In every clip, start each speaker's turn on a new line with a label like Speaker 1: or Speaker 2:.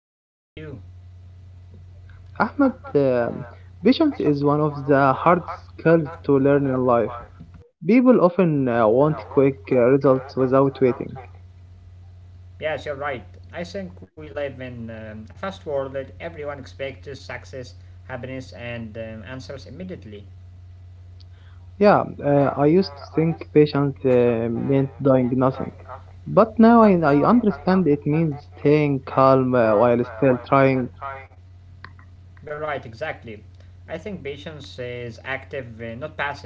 Speaker 1: I am fine, thank you.
Speaker 2: Ahmed, patience is one of the hardest skills to learn in life. People often want quick results without waiting.
Speaker 1: Yes, you're right. I think we live in a fast world that everyone expects success, happiness, and answers immediately.
Speaker 2: Yeah, I used to think patience meant doing nothing. But now I understand it means staying calm while still trying.
Speaker 1: You're right, exactly. I think patience is active, not passive.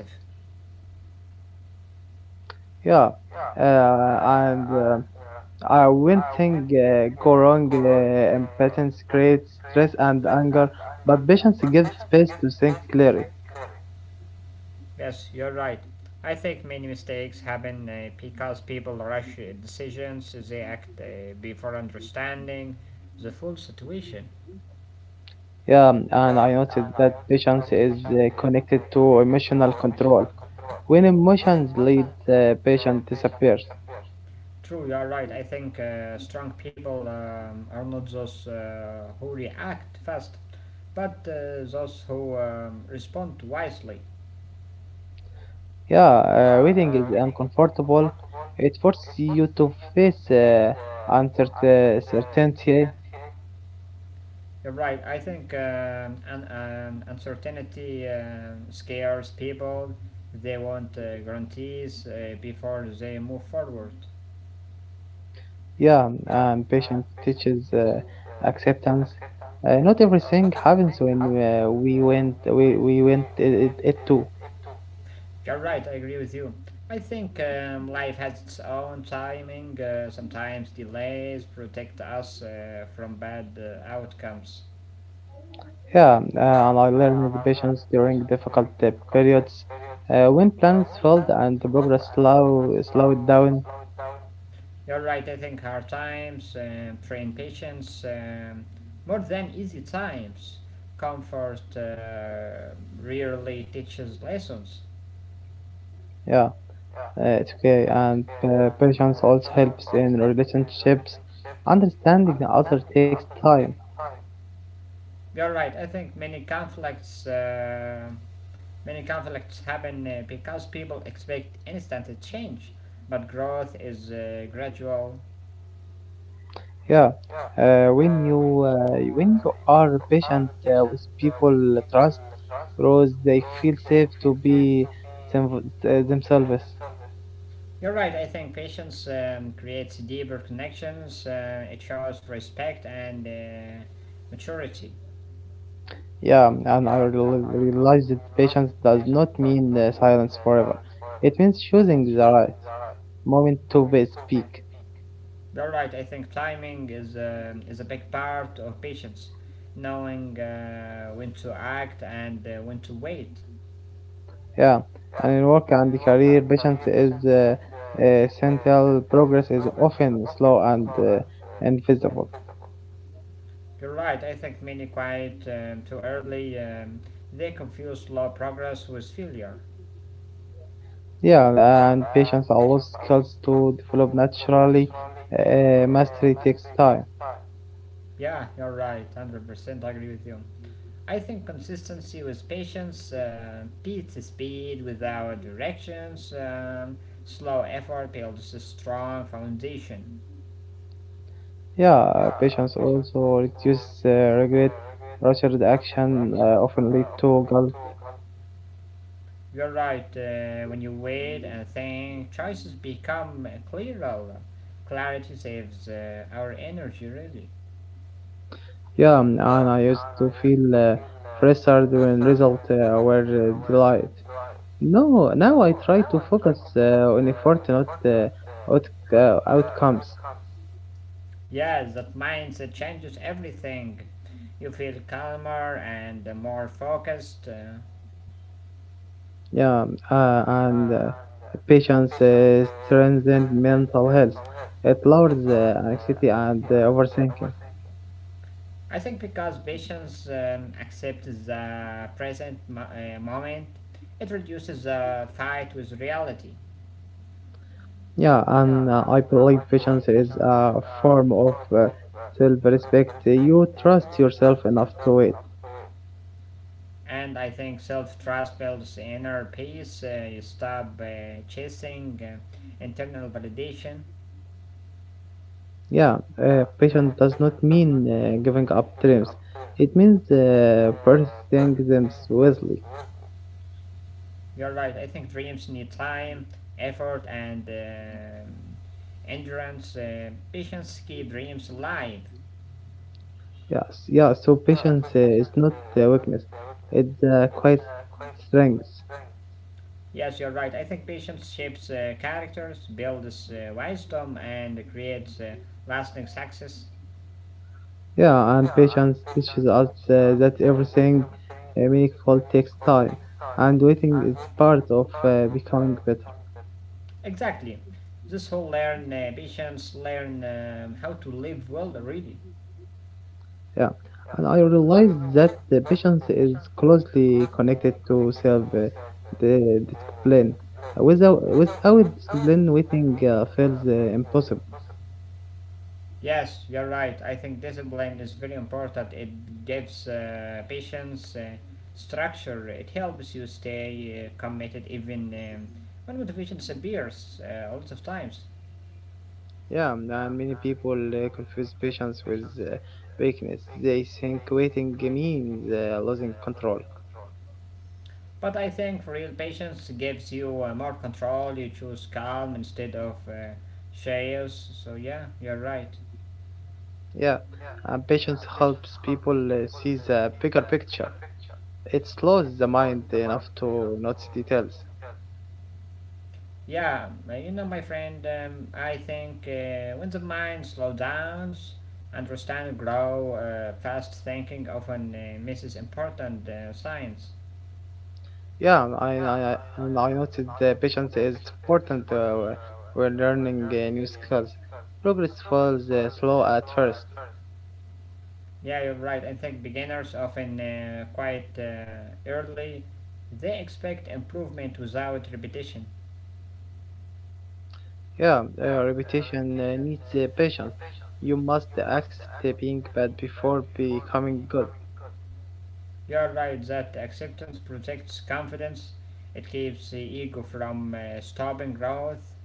Speaker 2: Yeah, and when things go wrong, impatience creates stress and anger, but patience gives space to think clearly.
Speaker 1: Yes, you're right. I think many mistakes happen because people rush decisions, they act before understanding the full situation.
Speaker 2: Yeah, and I noticed that patience is connected to emotional control. When emotions lead, the patient disappears.
Speaker 1: True, you are right. I think strong people are not those who react fast, but those who respond wisely.
Speaker 2: Yeah, waiting is uncomfortable. It forces you to face uncertainty.
Speaker 1: You're right. I think uncertainty scares people. They want guarantees before they move forward.
Speaker 2: Yeah, and patience teaches acceptance. Not everything happens when we went it, it, it too.
Speaker 1: You're right. I agree with you. I think life has its own timing. Sometimes delays protect us from bad outcomes.
Speaker 2: Yeah, and I learned patience during difficult periods when plans failed and the progress slowed down.
Speaker 1: You're right, I think hard times, train patience, more than easy times. Comfort rarely teaches lessons.
Speaker 2: Yeah, it's okay. And patience also helps in relationships. Understanding the other takes time.
Speaker 1: You're right, I think many conflicts. Many conflicts happen because people expect instant change, but growth is gradual.
Speaker 2: Yeah, when you are patient with people, trust grows. They feel safe to be themselves.
Speaker 1: You're right, I think patience creates deeper connections, it shows respect and maturity.
Speaker 2: Yeah, and I realized that patience does not mean silence forever. It means choosing the right moment to speak.
Speaker 1: You're right. I think timing is a big part of patience, knowing when to act and when to wait.
Speaker 2: Yeah, and in work and career, patience is central. Progress is often slow and invisible.
Speaker 1: You're right. I think many quit too early. They confuse slow progress with failure.
Speaker 2: Yeah, and patience allows skills to develop naturally. Mastery takes time.
Speaker 1: Yeah, you're right. 100% agree with you. I think consistency with patience beats speed without directions. Slow effort builds a strong foundation.
Speaker 2: Yeah, patience also reduces regret. Rushed action often lead to.
Speaker 1: You're right. When you wait and think, choices become clearer. Clarity saves our energy, really.
Speaker 2: Yeah, and I used to feel frustrated when results were delayed. No, now I try to focus on effort, not outcomes.
Speaker 1: Yes, that mindset changes everything. You feel calmer and more focused.
Speaker 2: Yeah, and patience strengthens mental health. It lowers anxiety and overthinking.
Speaker 1: I think because patience accepts the present moment, it reduces the fight with reality.
Speaker 2: Yeah, and I believe patience is a form of self-respect. You trust yourself enough to.
Speaker 1: And I think self trust builds inner peace. You stop chasing internal validation.
Speaker 2: Yeah, patience does not mean giving up dreams. It means pursuing them wisely.
Speaker 1: You're right. I think dreams need time, effort, and endurance. Patience keep dreams alive.
Speaker 2: Yes, yeah. So patience is not weakness; it's quite strength.
Speaker 1: Yes, you're right. I think patience shapes characters, builds wisdom, and creates lasting success.
Speaker 2: Yeah, and patience teaches us that everything meaningful takes time, and waiting is part of becoming better.
Speaker 1: Exactly. This whole learn patience, learn how to live well, really.
Speaker 2: Yeah, and I realize that the patience is closely connected to self the discipline. Without discipline, waiting feels impossible.
Speaker 1: Yes, you're right. I think discipline is very important. It gives patients structure. It helps you stay committed even when motivation disappears a lot of times.
Speaker 2: Yeah, and many people confuse patience with weakness. They think waiting means losing control.
Speaker 1: But I think real patience gives you more control. You choose calm instead of chaos. So yeah, you're right.
Speaker 2: Yeah, and patience helps people see the bigger picture. It slows the mind enough to notice details.
Speaker 1: Yeah, you know, my friend, I think when the mind slows down, understand, grow, fast thinking often misses important signs.
Speaker 2: Yeah, and I noted that patience is important when learning new skills. Progress falls slow at first.
Speaker 1: Yeah, you're right. I think beginners often quite early, they expect improvement without repetition.
Speaker 2: Yeah, repetition needs patience. You must accept being bad before becoming good.
Speaker 1: You're right that acceptance protects confidence. It keeps the ego from stopping growth.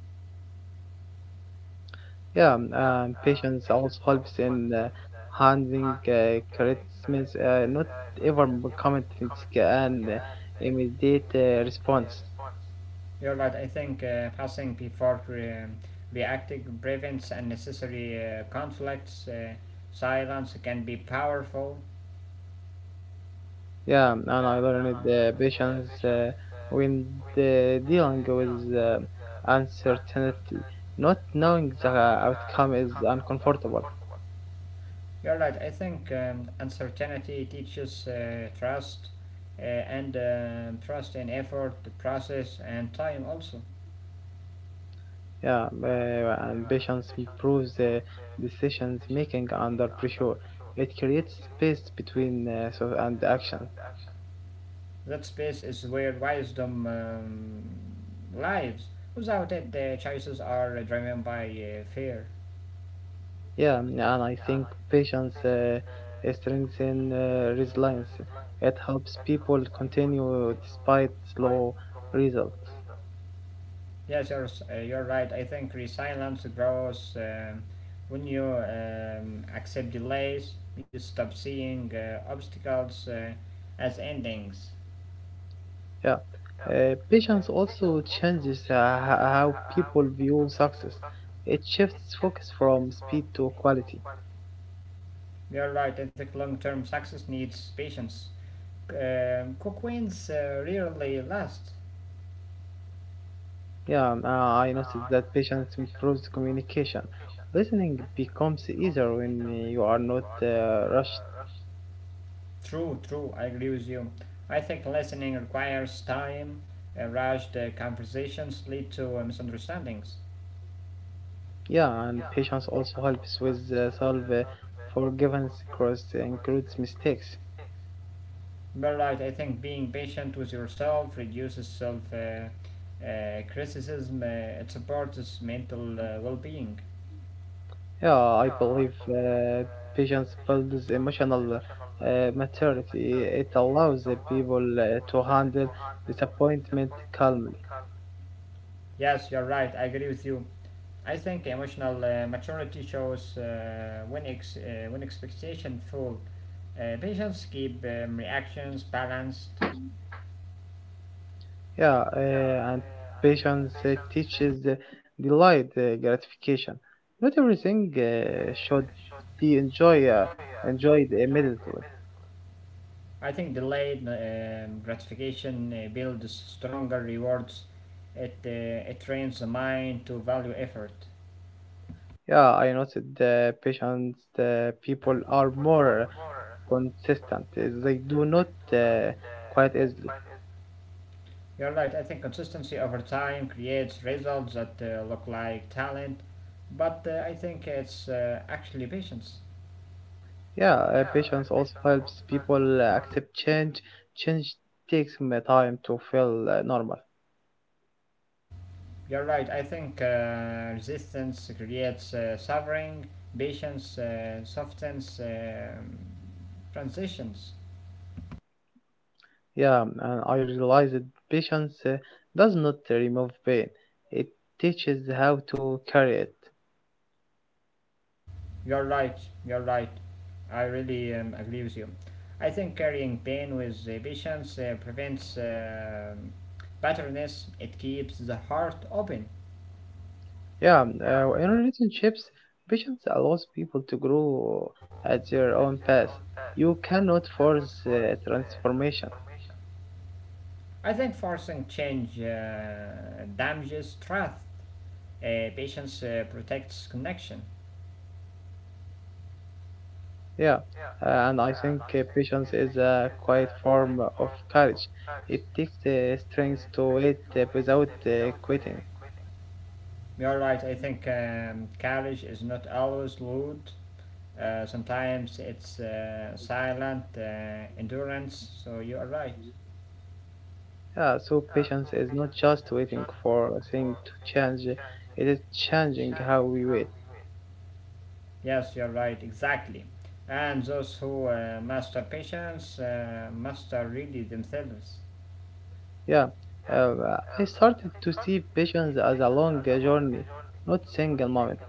Speaker 2: Yeah, patience also helps in handling criticism, not ever commenting and immediate response.
Speaker 1: You're right. I think passing before reacting prevents unnecessary conflicts. Silence can be powerful.
Speaker 2: Yeah, and I learned the patience when the dealing with uncertainty. Not knowing the outcome is uncomfortable.
Speaker 1: You're right. I think uncertainty teaches trust, and trust in effort, the process, and time also.
Speaker 2: Yeah, and patience improves decisions making under pressure. It creates space between so and action.
Speaker 1: That space is where wisdom lives. Without it, choices are driven by fear.
Speaker 2: Yeah, and I think patience strengthens resilience. It helps people continue despite slow results.
Speaker 1: Yes, you're right. I think resilience grows when you accept delays, you stop seeing obstacles as endings.
Speaker 2: Yeah. Patience also changes how people view success. It shifts focus from speed to quality.
Speaker 1: You're right. I think long term success needs patience. Quick wins rarely last.
Speaker 2: Yeah, I noticed that patience improves communication. Listening becomes easier when you are not rushed.
Speaker 1: True, true. I agree with you. I think listening requires time. Rushed conversations lead to misunderstandings.
Speaker 2: Yeah, and patience also helps with solve forgiveness across includes mistakes.
Speaker 1: But right, I think being patient with yourself reduces self criticism, it supports mental well being.
Speaker 2: Yeah, I believe patience builds emotional maturity. It allows the people to handle disappointment calmly.
Speaker 1: Yes, you're right, I agree with you. I think emotional maturity shows when expectation full. Patients keep reactions balanced.
Speaker 2: Yeah, and patience teaches delayed gratification. Not everything should be enjoyed immediately.
Speaker 1: I think delayed gratification builds stronger rewards. It trains the mind to value effort.
Speaker 2: Yeah, I noticed patience people are more consistent. They do not quite easily.
Speaker 1: You're right. I think consistency over time creates results that look like talent, but I think it's actually patience.
Speaker 2: Yeah, patience also helps people accept change. Change takes me time to feel normal.
Speaker 1: You're right. I think resistance creates suffering, patience softens transitions.
Speaker 2: Yeah, and I realize that patience does not remove pain. It teaches how to carry it.
Speaker 1: You're right. You're right. I really agree with you. I think carrying pain with patience prevents bitterness. It keeps the heart open.
Speaker 2: Yeah, in relationships, patience allows people to grow at their own pace. You cannot force transformation.
Speaker 1: I think forcing change damages trust. Patience protects connection.
Speaker 2: Yeah, and I think patience is a quiet form of courage. It takes the strength to wait without quitting.
Speaker 1: You're right, I think courage is not always loud. Sometimes it's silent endurance, so you are right.
Speaker 2: Yeah, so patience is not just waiting for a thing to change, it is changing how we wait.
Speaker 1: Yes, you're right, exactly. And those who master patience master really themselves.
Speaker 2: Yeah, uh, I started to see patience as a long journey, not single moment.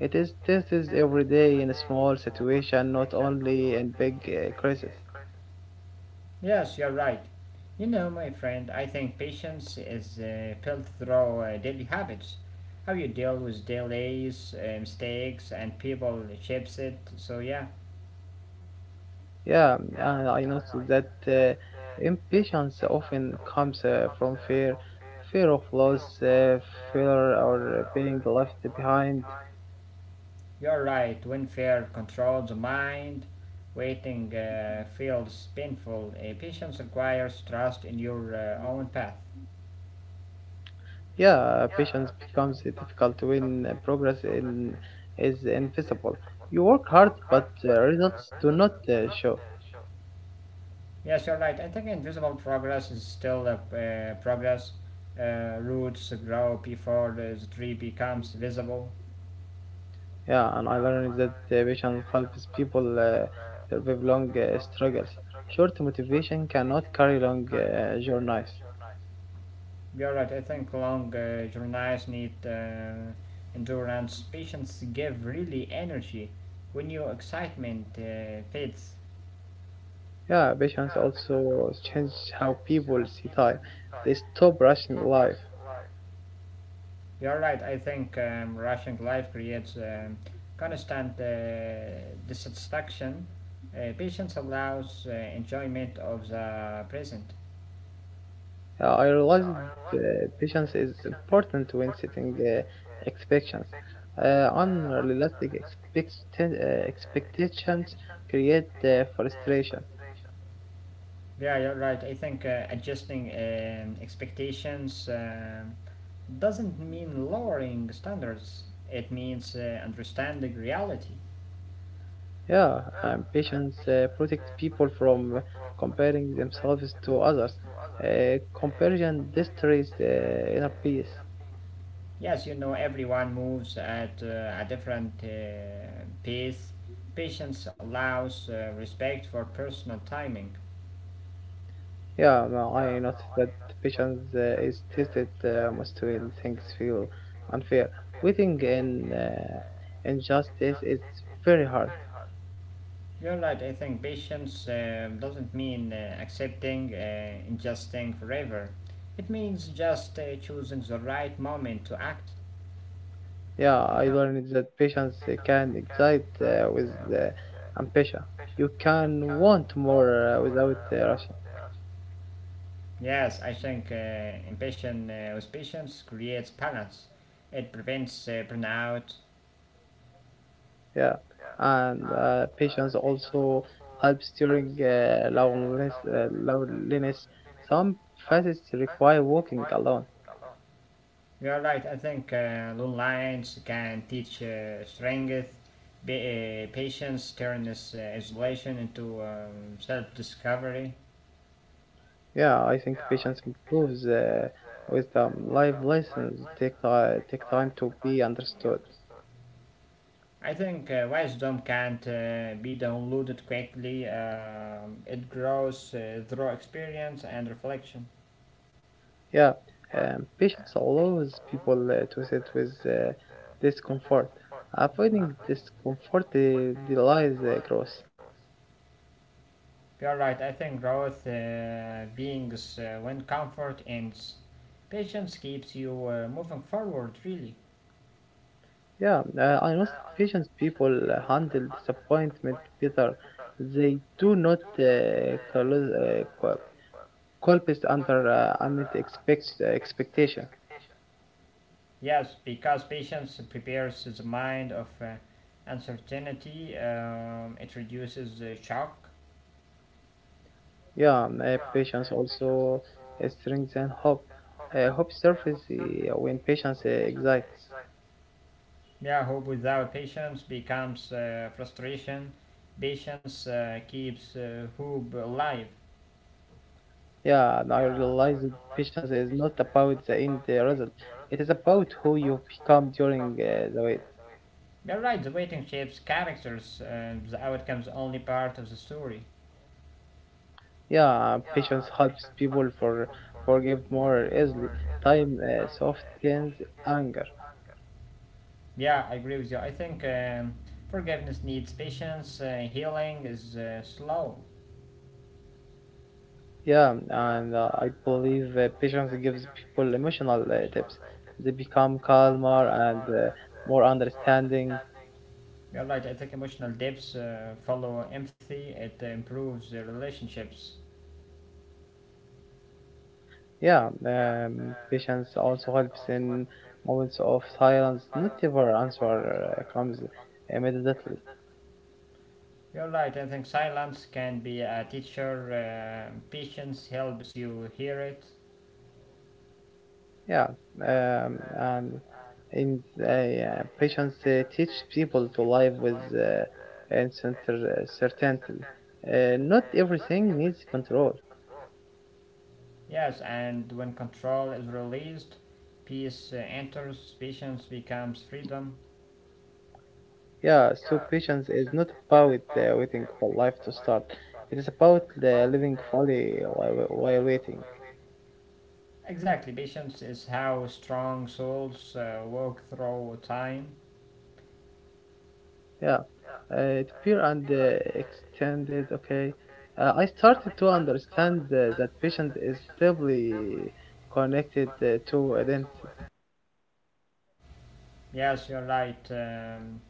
Speaker 2: It is tested every day in a small situation, not only in big crisis.
Speaker 1: Yes, you're right. You know, my friend, I think patience is built through daily habits. How you deal with delays, mistakes, and people shapes it. So, yeah,
Speaker 2: Yeah, and I noticed that impatience often comes from fear, fear of loss, fear or being left behind.
Speaker 1: you're right. When fear controls the mind, waiting feels painful. Patience requires trust in your own path.
Speaker 2: Yeah, patience becomes difficult when progress in is invisible. You work hard, but results do not show.
Speaker 1: Yes, you're right. I think invisible progress is still a progress. Roots grow before the tree becomes visible.
Speaker 2: Yeah, and I learned that patience helps people survive long struggles. Short motivation cannot carry long journeys.
Speaker 1: You're right. I think long journeys need endurance. Patience give really energy when your excitement fades.
Speaker 2: Yeah, patience also changes how people see time. They stop rushing life.
Speaker 1: You're right. I think rushing life creates constant dissatisfaction. Patience allows enjoyment of the present.
Speaker 2: I realized patience is important when setting expectations. Unrealistic expectations create frustration.
Speaker 1: Yeah, you're right. I think adjusting expectations doesn't mean lowering standards, it means understanding reality.
Speaker 2: Yeah, and patience protects people from comparing themselves to others. Comparison destroys inner peace.
Speaker 1: Yes, everyone moves at a different pace. Patience allows respect for personal timing.
Speaker 2: Yeah, well, I noticed that patience is tested most when things feel unfair. Waiting in injustice is very hard.
Speaker 1: You're right, I think patience doesn't mean accepting, ingesting forever. It means just choosing the right moment to act.
Speaker 2: Yeah, I learned that patience can excite with ambition. You can want more without rushing.
Speaker 1: Yes, I think impatient with patience creates balance. It prevents burnout.
Speaker 2: Yeah, and patience also helps during loneliness. Loneliness. Some faces require walking alone.
Speaker 1: You are right. I think long lines can teach strength. Be Patience turns isolation into self-discovery.
Speaker 2: Yeah, I think patience improves with life lessons. Take take time to be understood.
Speaker 1: I think wisdom can't be downloaded quickly. It grows through experience and reflection.
Speaker 2: Yeah, patience allows people to sit with discomfort. Avoiding discomfort delays growth.
Speaker 1: You're right. I think growth beings when comfort ends. Patience keeps you moving forward, really.
Speaker 2: Yeah, I noticed patient people handle disappointment better. They do not close, Culp is under unmet expectation.
Speaker 1: Yes, because patience prepares the mind of uncertainty, it reduces shock.
Speaker 2: Yeah, patience also strengthens hope. Hope surfaces when patience exists.
Speaker 1: Yeah, hope without patience becomes frustration. Patience keeps hope alive.
Speaker 2: Yeah, and I realize that patience is not about the end result. It is about who you become during the wait.
Speaker 1: You're right, the waiting shapes characters, the outcome is only part of the story.
Speaker 2: Yeah, patience helps people forgive more easily. Time softens anger.
Speaker 1: Yeah, I agree with you. I think forgiveness needs patience. Healing is slow.
Speaker 2: Yeah, and I believe patience gives people emotional tips. They become calmer and more understanding.
Speaker 1: You're right. I think emotional depths follow empathy. It improves the relationships.
Speaker 2: Yeah, patience also helps in moments of silence. Not every answer comes immediately.
Speaker 1: You're right. I think silence can be a teacher. Patience helps you hear it.
Speaker 2: Yeah, and in yeah, patience teach people to live with certainty. Not everything needs control.
Speaker 1: Yes, and when control is released, peace enters. Patience becomes freedom.
Speaker 2: Yeah, so patience is not about waiting for life to start. It is about living fully while, while waiting.
Speaker 1: Exactly. Patience is how strong souls walk through time.
Speaker 2: Yeah, it pure and extended. Okay, I started to understand that patience is deeply connected to identity.
Speaker 1: Yes, you're right. Um,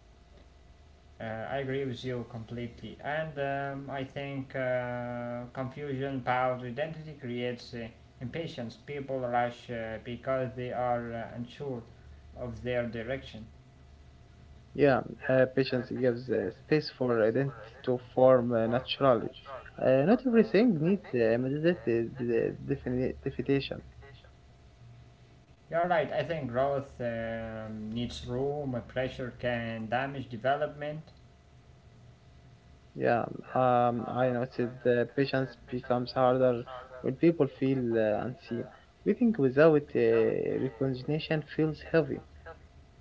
Speaker 1: uh, I agree with you completely. And I think confusion about identity creates impatience. People rush because they are unsure of their direction.
Speaker 2: Yeah, patience gives space for identity to form naturally. Not everything needs immediate definition.
Speaker 1: You're right. I think growth needs room. Pressure can damage development.
Speaker 2: Yeah, I noticed the patience becomes harder when people feel unseen. Waiting without recognition feels heavy.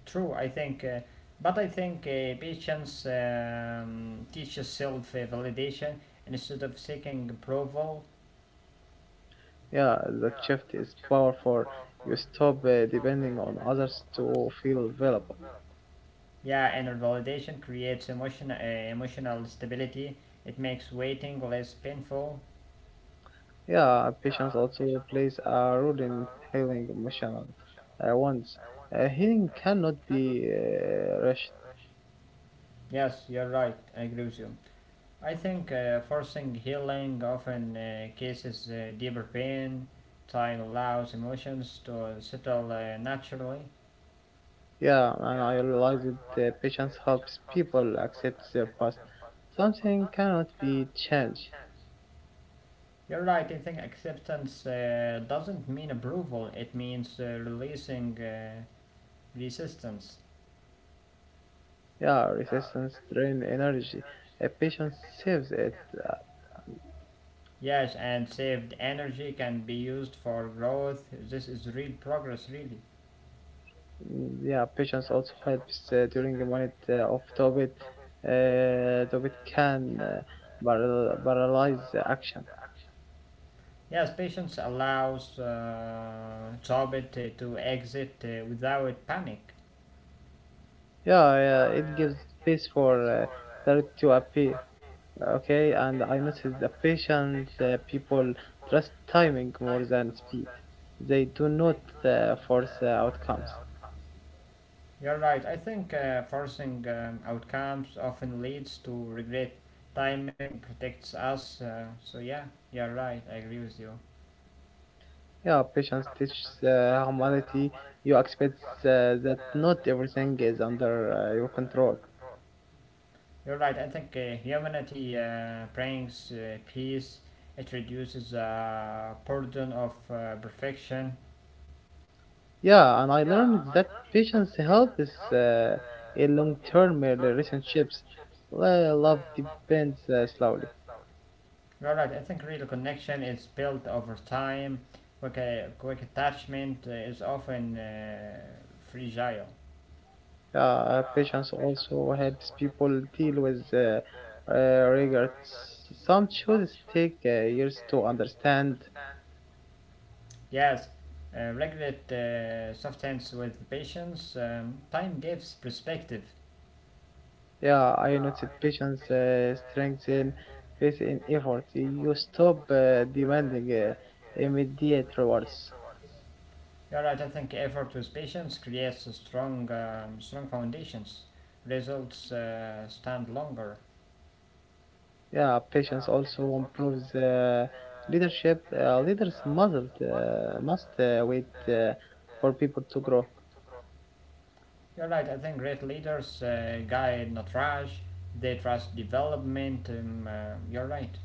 Speaker 1: True. I think, But I think patience teaches self-validation instead of seeking approval.
Speaker 2: Yeah, that shift is powerful. You stop depending on others to feel available.
Speaker 1: Yeah, inner validation creates emotional stability. It makes waiting less painful.
Speaker 2: Yeah, patience also plays a role in healing emotional wounds. Healing cannot be rushed.
Speaker 1: Yes, you're right. I agree with you. I think forcing healing often causes deeper pain. Time allows emotions to settle naturally.
Speaker 2: Yeah, and I realize that patience helps people accept their past. Something cannot be changed.
Speaker 1: You're right. I think acceptance doesn't mean approval. It means releasing resistance.
Speaker 2: Yeah, resistance drain energy. Patience saves it. Uh,
Speaker 1: Yes, and saved energy can be used for growth. This is real progress, really.
Speaker 2: yeah, patience also helps during a minute of Tobit. Tobit can paralyze the action.
Speaker 1: Yes, patience allows Chobit to exit without panic.
Speaker 2: Yeah, yeah, it gives space for dirt to appear. Okay, and I noticed the patient people trust timing more than speed. They do not force outcomes.
Speaker 1: You're right. I think forcing outcomes often leads to regret. Timing protects us. Yeah, you're right. I agree with you.
Speaker 2: Yeah, patience teaches humanity. You expect that not everything is under your control.
Speaker 1: You're right. I think humanity brings peace, it reduces burden of perfection.
Speaker 2: Yeah, and I learned that patience helps uh, in long-term relationships. Love depends slowly.
Speaker 1: You're right. I think real connection is built over time. Quick attachment is often fragile.
Speaker 2: Yeah, patience also helps people deal with regrets. Some choices take years to understand.
Speaker 1: Yes, regulate substance with patience. Time gives perspective.
Speaker 2: Yeah, I noticed patience strengthen faith in effort. You stop demanding immediate rewards.
Speaker 1: You're right. I think effort with patience creates a strong foundations. Results stand longer.
Speaker 2: Yeah, patience also improves leadership. Leaders must wait for people to grow.
Speaker 1: You're right. I think great leaders guide, not rush. They trust development. You're right.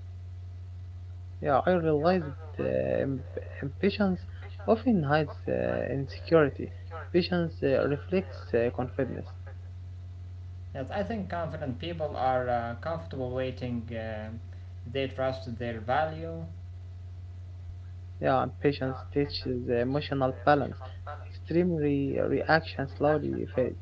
Speaker 2: Yeah, I realized uh, am- ambitions often hides insecurity. Patience reflects confidence.
Speaker 1: Yes, I think confident people are comfortable waiting. They trust their value.
Speaker 2: Yeah, and patience teaches emotional balance. Extreme reactions slowly fade.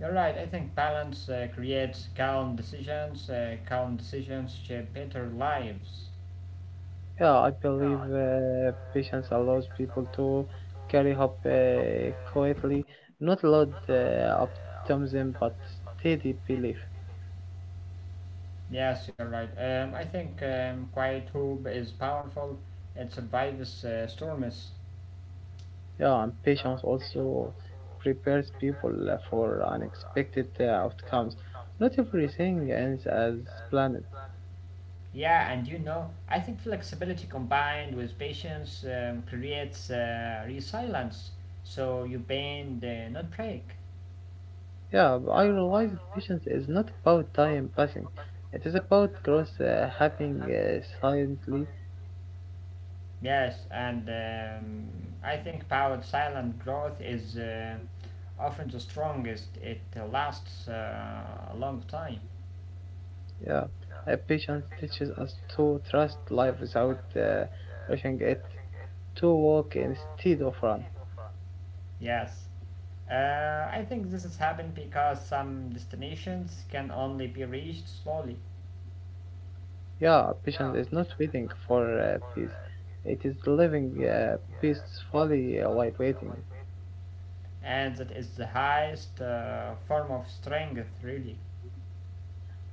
Speaker 1: You're right. I think balance creates calm decisions. Calm decisions shape better lives.
Speaker 2: Yeah, I believe patience allows people to carry hope quietly, not loud optimism, but steady belief.
Speaker 1: Yes, you're right. I think quiet hope is powerful. It survives storms.
Speaker 2: Yeah, and patience also prepares people for unexpected outcomes. Not everything ends as planned.
Speaker 1: Yeah, and I think flexibility combined with patience creates resilience. So you bend, not break.
Speaker 2: Yeah, but I realize that patience is not about time passing. It is about growth happening silently.
Speaker 1: Yes, and I think powered silent growth is often the strongest. It lasts a long time.
Speaker 2: Yeah, patience teaches us to trust life without rushing it, to walk instead of run.
Speaker 1: Yes. I think this has happened because some destinations can only be reached slowly,
Speaker 2: Yeah, patience is not waiting for peace. It is living peacefully while waiting.
Speaker 1: and that is the highest form of strength, really.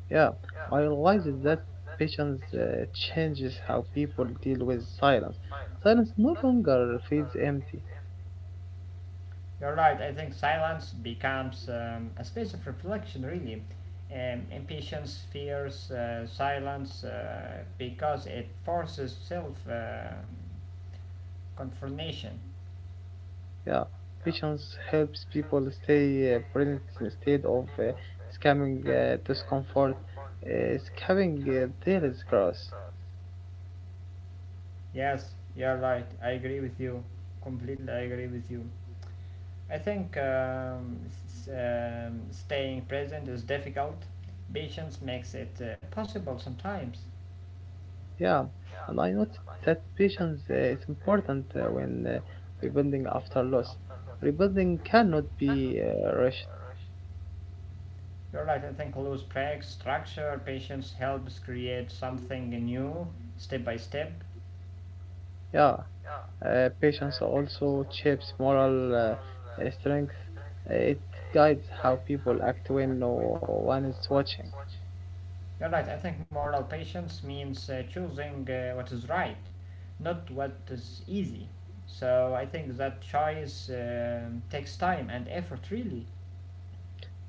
Speaker 2: Yeah, I realized that patience changes how people deal with silence. Silence no longer feels empty.
Speaker 1: You're right. I think silence becomes a space of reflection, really. Impatience fears silence because it forces self confrontation.
Speaker 2: Yeah, patience helps people stay present instead of scamming discomfort, scamming their scars.
Speaker 1: Yes, you're right. I agree with you. Completely, I agree with you. I think staying present is difficult. Patience makes it possible sometimes.
Speaker 2: Yeah, and I noticed that patience is important when rebuilding after loss. Rebuilding cannot be rushed.
Speaker 1: You're right, I think loose preg structure, patience helps create something new step by step.
Speaker 2: Yeah, patience also shapes moral strength. It guides how people act when no one is watching.
Speaker 1: You're right, I think moral patience means choosing what is right, not what is easy. So I think that choice takes time and effort, really.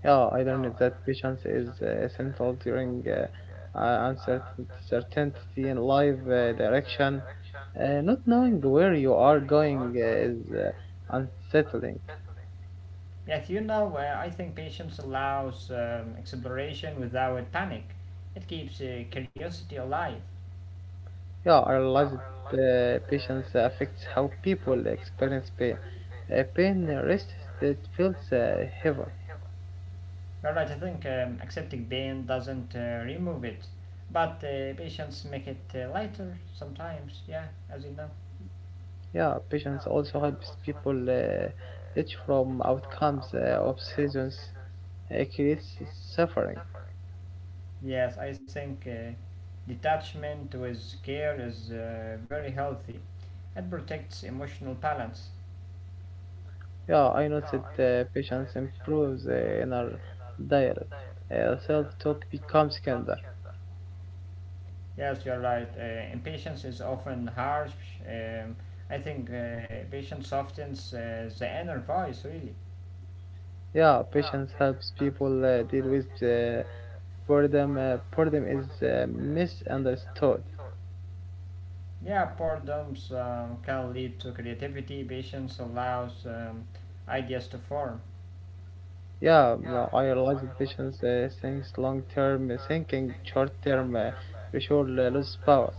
Speaker 2: Yeah, I learned that patience is essential during uncertainty in life direction. Not knowing where you are going is unsettling.
Speaker 1: Yet, you know, I think patience allows exploration without panic, it keeps curiosity alive.
Speaker 2: Yeah, I realized patience affects how people experience pain. Pain resists, it feels heavy.
Speaker 1: Alright, I think accepting pain doesn't remove it, but patients make it lighter sometimes, yeah, as you know.
Speaker 2: Yeah, patience also helps people each from outcomes of seasons. It creates suffering.
Speaker 1: Yes, I think detachment with care is very healthy. It protects emotional balance.
Speaker 2: Yeah, I noticed patience improves inner dialogue. Self-talk becomes kinder.
Speaker 1: Yes, you're right. Impatience is often harsh. Um, I think patience softens the inner voice, really.
Speaker 2: Yeah, patience helps people deal with boredom. Boredom is misunderstood.
Speaker 1: Yeah, boredoms can lead to creativity. Patience allows ideas to form.
Speaker 2: Yeah, well, I realize that patience thinks long-term thinking, short-term pressure loses power.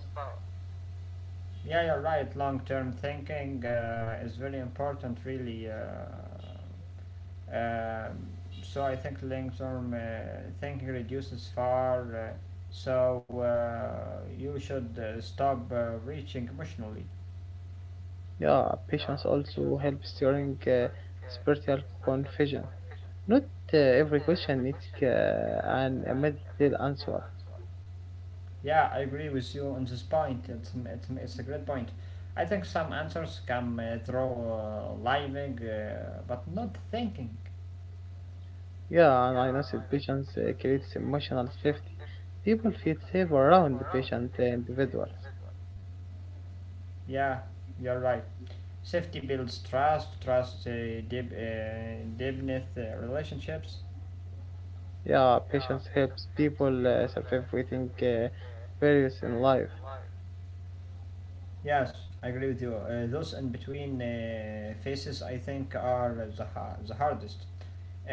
Speaker 1: Yeah, you're right. Long term thinking is very important, really. Um, so I think long term thinking reduces far. So you should stop reaching emotionally.
Speaker 2: Yeah, patience also helps during spiritual confusion. Not every question needs an immediate answer.
Speaker 1: Yeah, I agree with you on this point. It's a great point. I think some answers come through living, but not thinking.
Speaker 2: Yeah, and I know that patience creates emotional safety. People feel safe around the patient individuals.
Speaker 1: Yeah, you're right. Safety builds trust. Trust deep, deepness relationships.
Speaker 2: Yeah, patience helps people survive waiting barriers in life.
Speaker 1: Yes, I agree with you. Those in between phases, I think, are the hardest.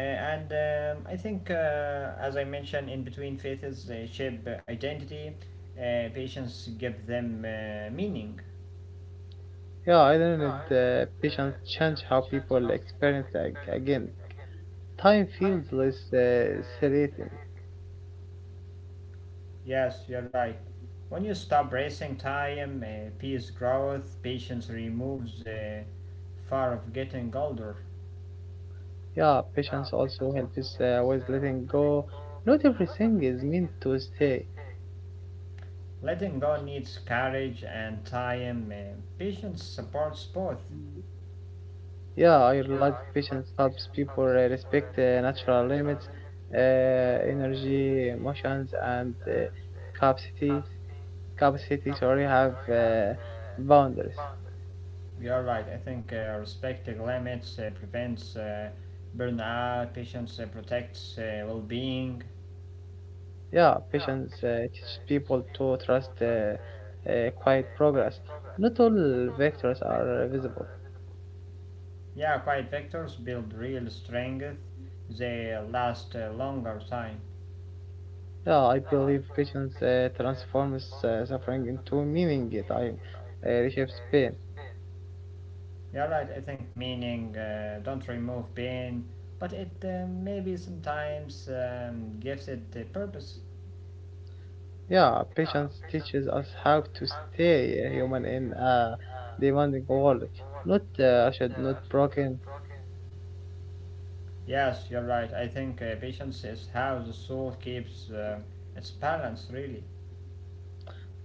Speaker 1: And I think, as I mentioned, in between phases, they shape identity. Patients give them meaning.
Speaker 2: Yeah, I don't know patience change how people experience again. Time feels less serrating.
Speaker 1: Yes, you're right. When you stop racing time, peace growth, patience removes the fear of getting older.
Speaker 2: Yeah, patience also helps with letting go. Not everything is meant to stay.
Speaker 1: Letting go needs courage and time. Patience supports both.
Speaker 2: Yeah, I realize patience helps people respect natural limits, energy, emotions, and capacity. Capacity, sorry, have boundaries.
Speaker 1: You're right. I think respecting limits prevents burnout. Patience protects well-being.
Speaker 2: Yeah, patience teaches people to trust quiet progress. Not all vectors are visible.
Speaker 1: Yeah, quiet vectors build real strength. They last a longer time.
Speaker 2: Yeah, I believe patience transforms suffering into meaning. It I reshapes pain.
Speaker 1: You're right, I think meaning don't remove pain, but it maybe sometimes gives it a purpose.
Speaker 2: Yeah, patience teaches us how to stay human in a demanding world. Not should not broken.
Speaker 1: Yes, you're right, I think patience is how the soul keeps its balance, really.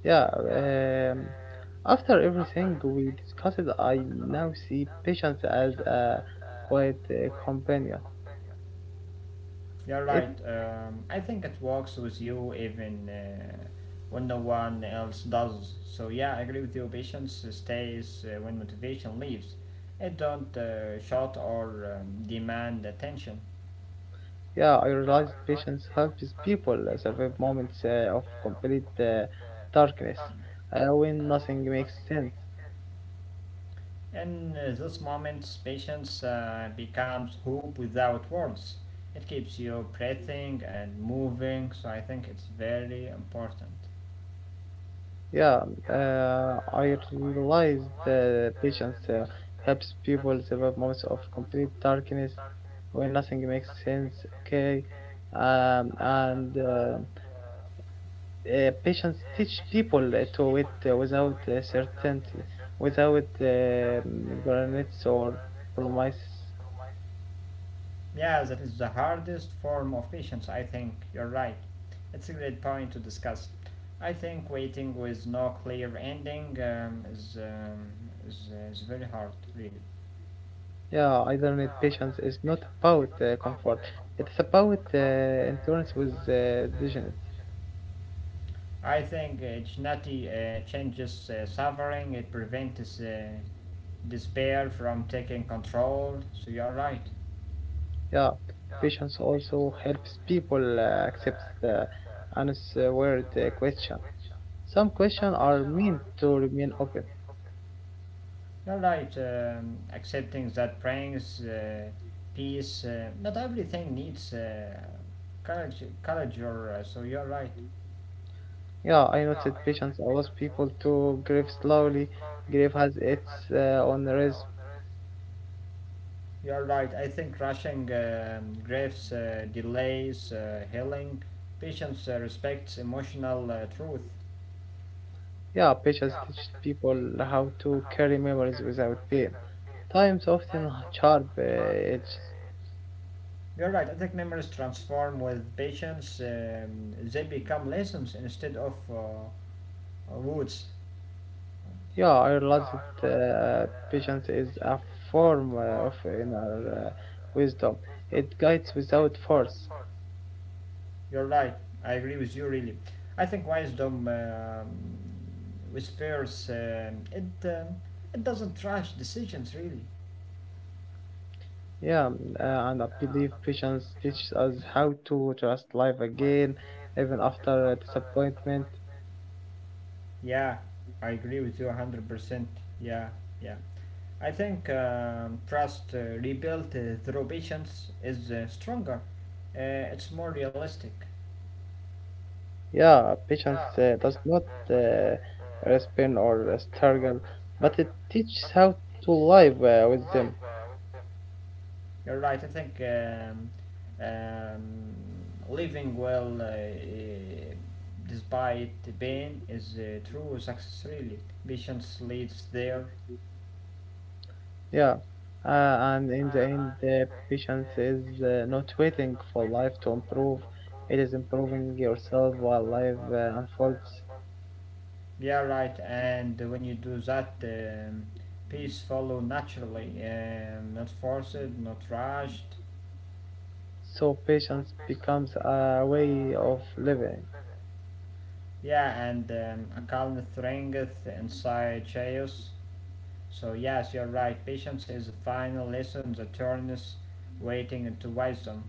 Speaker 2: Yeah. After everything we discussed, I now see patience as a quiet companion.
Speaker 1: You're
Speaker 2: It.
Speaker 1: right, I think it works with you even when no one else does. So, yeah, I agree with you, patience stays when motivation leaves. It don't shout or demand attention.
Speaker 2: Yeah, I realized patience helps people survive moments of complete darkness when nothing makes sense.
Speaker 1: In those moments, patience becomes hope without words. It keeps you breathing and moving, so I think it's very important.
Speaker 2: Yeah, I realized patience helps people survive moments of complete darkness when nothing makes sense. Okay, and patience teach people to wait without certainty, without guarantees or promises.
Speaker 1: Yeah, that is the hardest form of patience, I think. You're right. It's a great point to discuss. I think waiting with no clear ending is very hard, really.
Speaker 2: Yeah, internet patience is not about comfort. It's about endurance with dignity.
Speaker 1: I think Chinati changes suffering, it prevents despair from taking control. So you're right.
Speaker 2: Yeah, patience also helps people accept the unanswered question. Some questions are meant to remain open.
Speaker 1: You're right. Accepting that brings peace. Not everything needs courage, courage or, so you're right.
Speaker 2: Yeah, I noticed patience allows people to grieve slowly. Grief has its own rhythm.
Speaker 1: You're right. I think rushing griefs delays healing. Patience respects emotional truth.
Speaker 2: Yeah, patience teaches people how to carry memories without pain. Times often sharp edges.
Speaker 1: You're right. I think memories transform with patience. They become lessons instead of words.
Speaker 2: Yeah, I realized patience is a form of inner wisdom. It guides without force.
Speaker 1: You're right. I agree with you really. I think wisdom whispers. It doesn't rush decisions really.
Speaker 2: Yeah, and I believe patience teaches us how to trust life again, even after disappointment.
Speaker 1: Yeah, I agree with you 100%. Yeah, yeah. I think trust rebuilt through patience is stronger. It's more realistic.
Speaker 2: Yeah, patience does not uh, respond or struggle, but it teaches how to live with them.
Speaker 1: You're right. I think um, living well, despite the pain, is true success. Really, patience leads there.
Speaker 2: Yeah, and in the end, patience is not waiting for life to improve, it is improving yourself while life unfolds.
Speaker 1: Yeah, right. And when you do that, peace follow naturally, not forced, not rushed.
Speaker 2: So, patience becomes a way of living.
Speaker 1: Yeah, and a calm strength inside chaos. So yes, you're right. Patience is the final lesson that turns waiting into wisdom.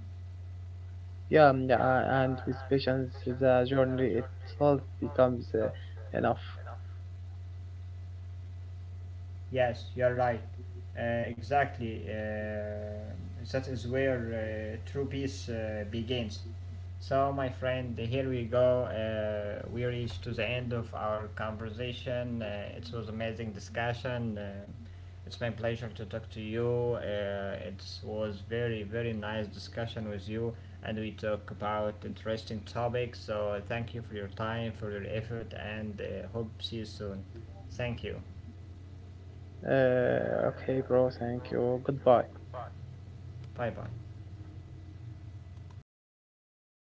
Speaker 2: Yeah, and with patience, the journey itself becomes enough.
Speaker 1: Yes, you're right. Exactly. That is where true peace begins. So, my friend, here we go. We reached to the end of our conversation. It was amazing discussion. It's my pleasure to talk to you. It was very, very nice discussion with you, and we talk about interesting topics. So, thank you for your time, for your effort, and hope see you soon. Thank you.
Speaker 2: Okay, bro, thank you. Goodbye.
Speaker 1: Bye bye.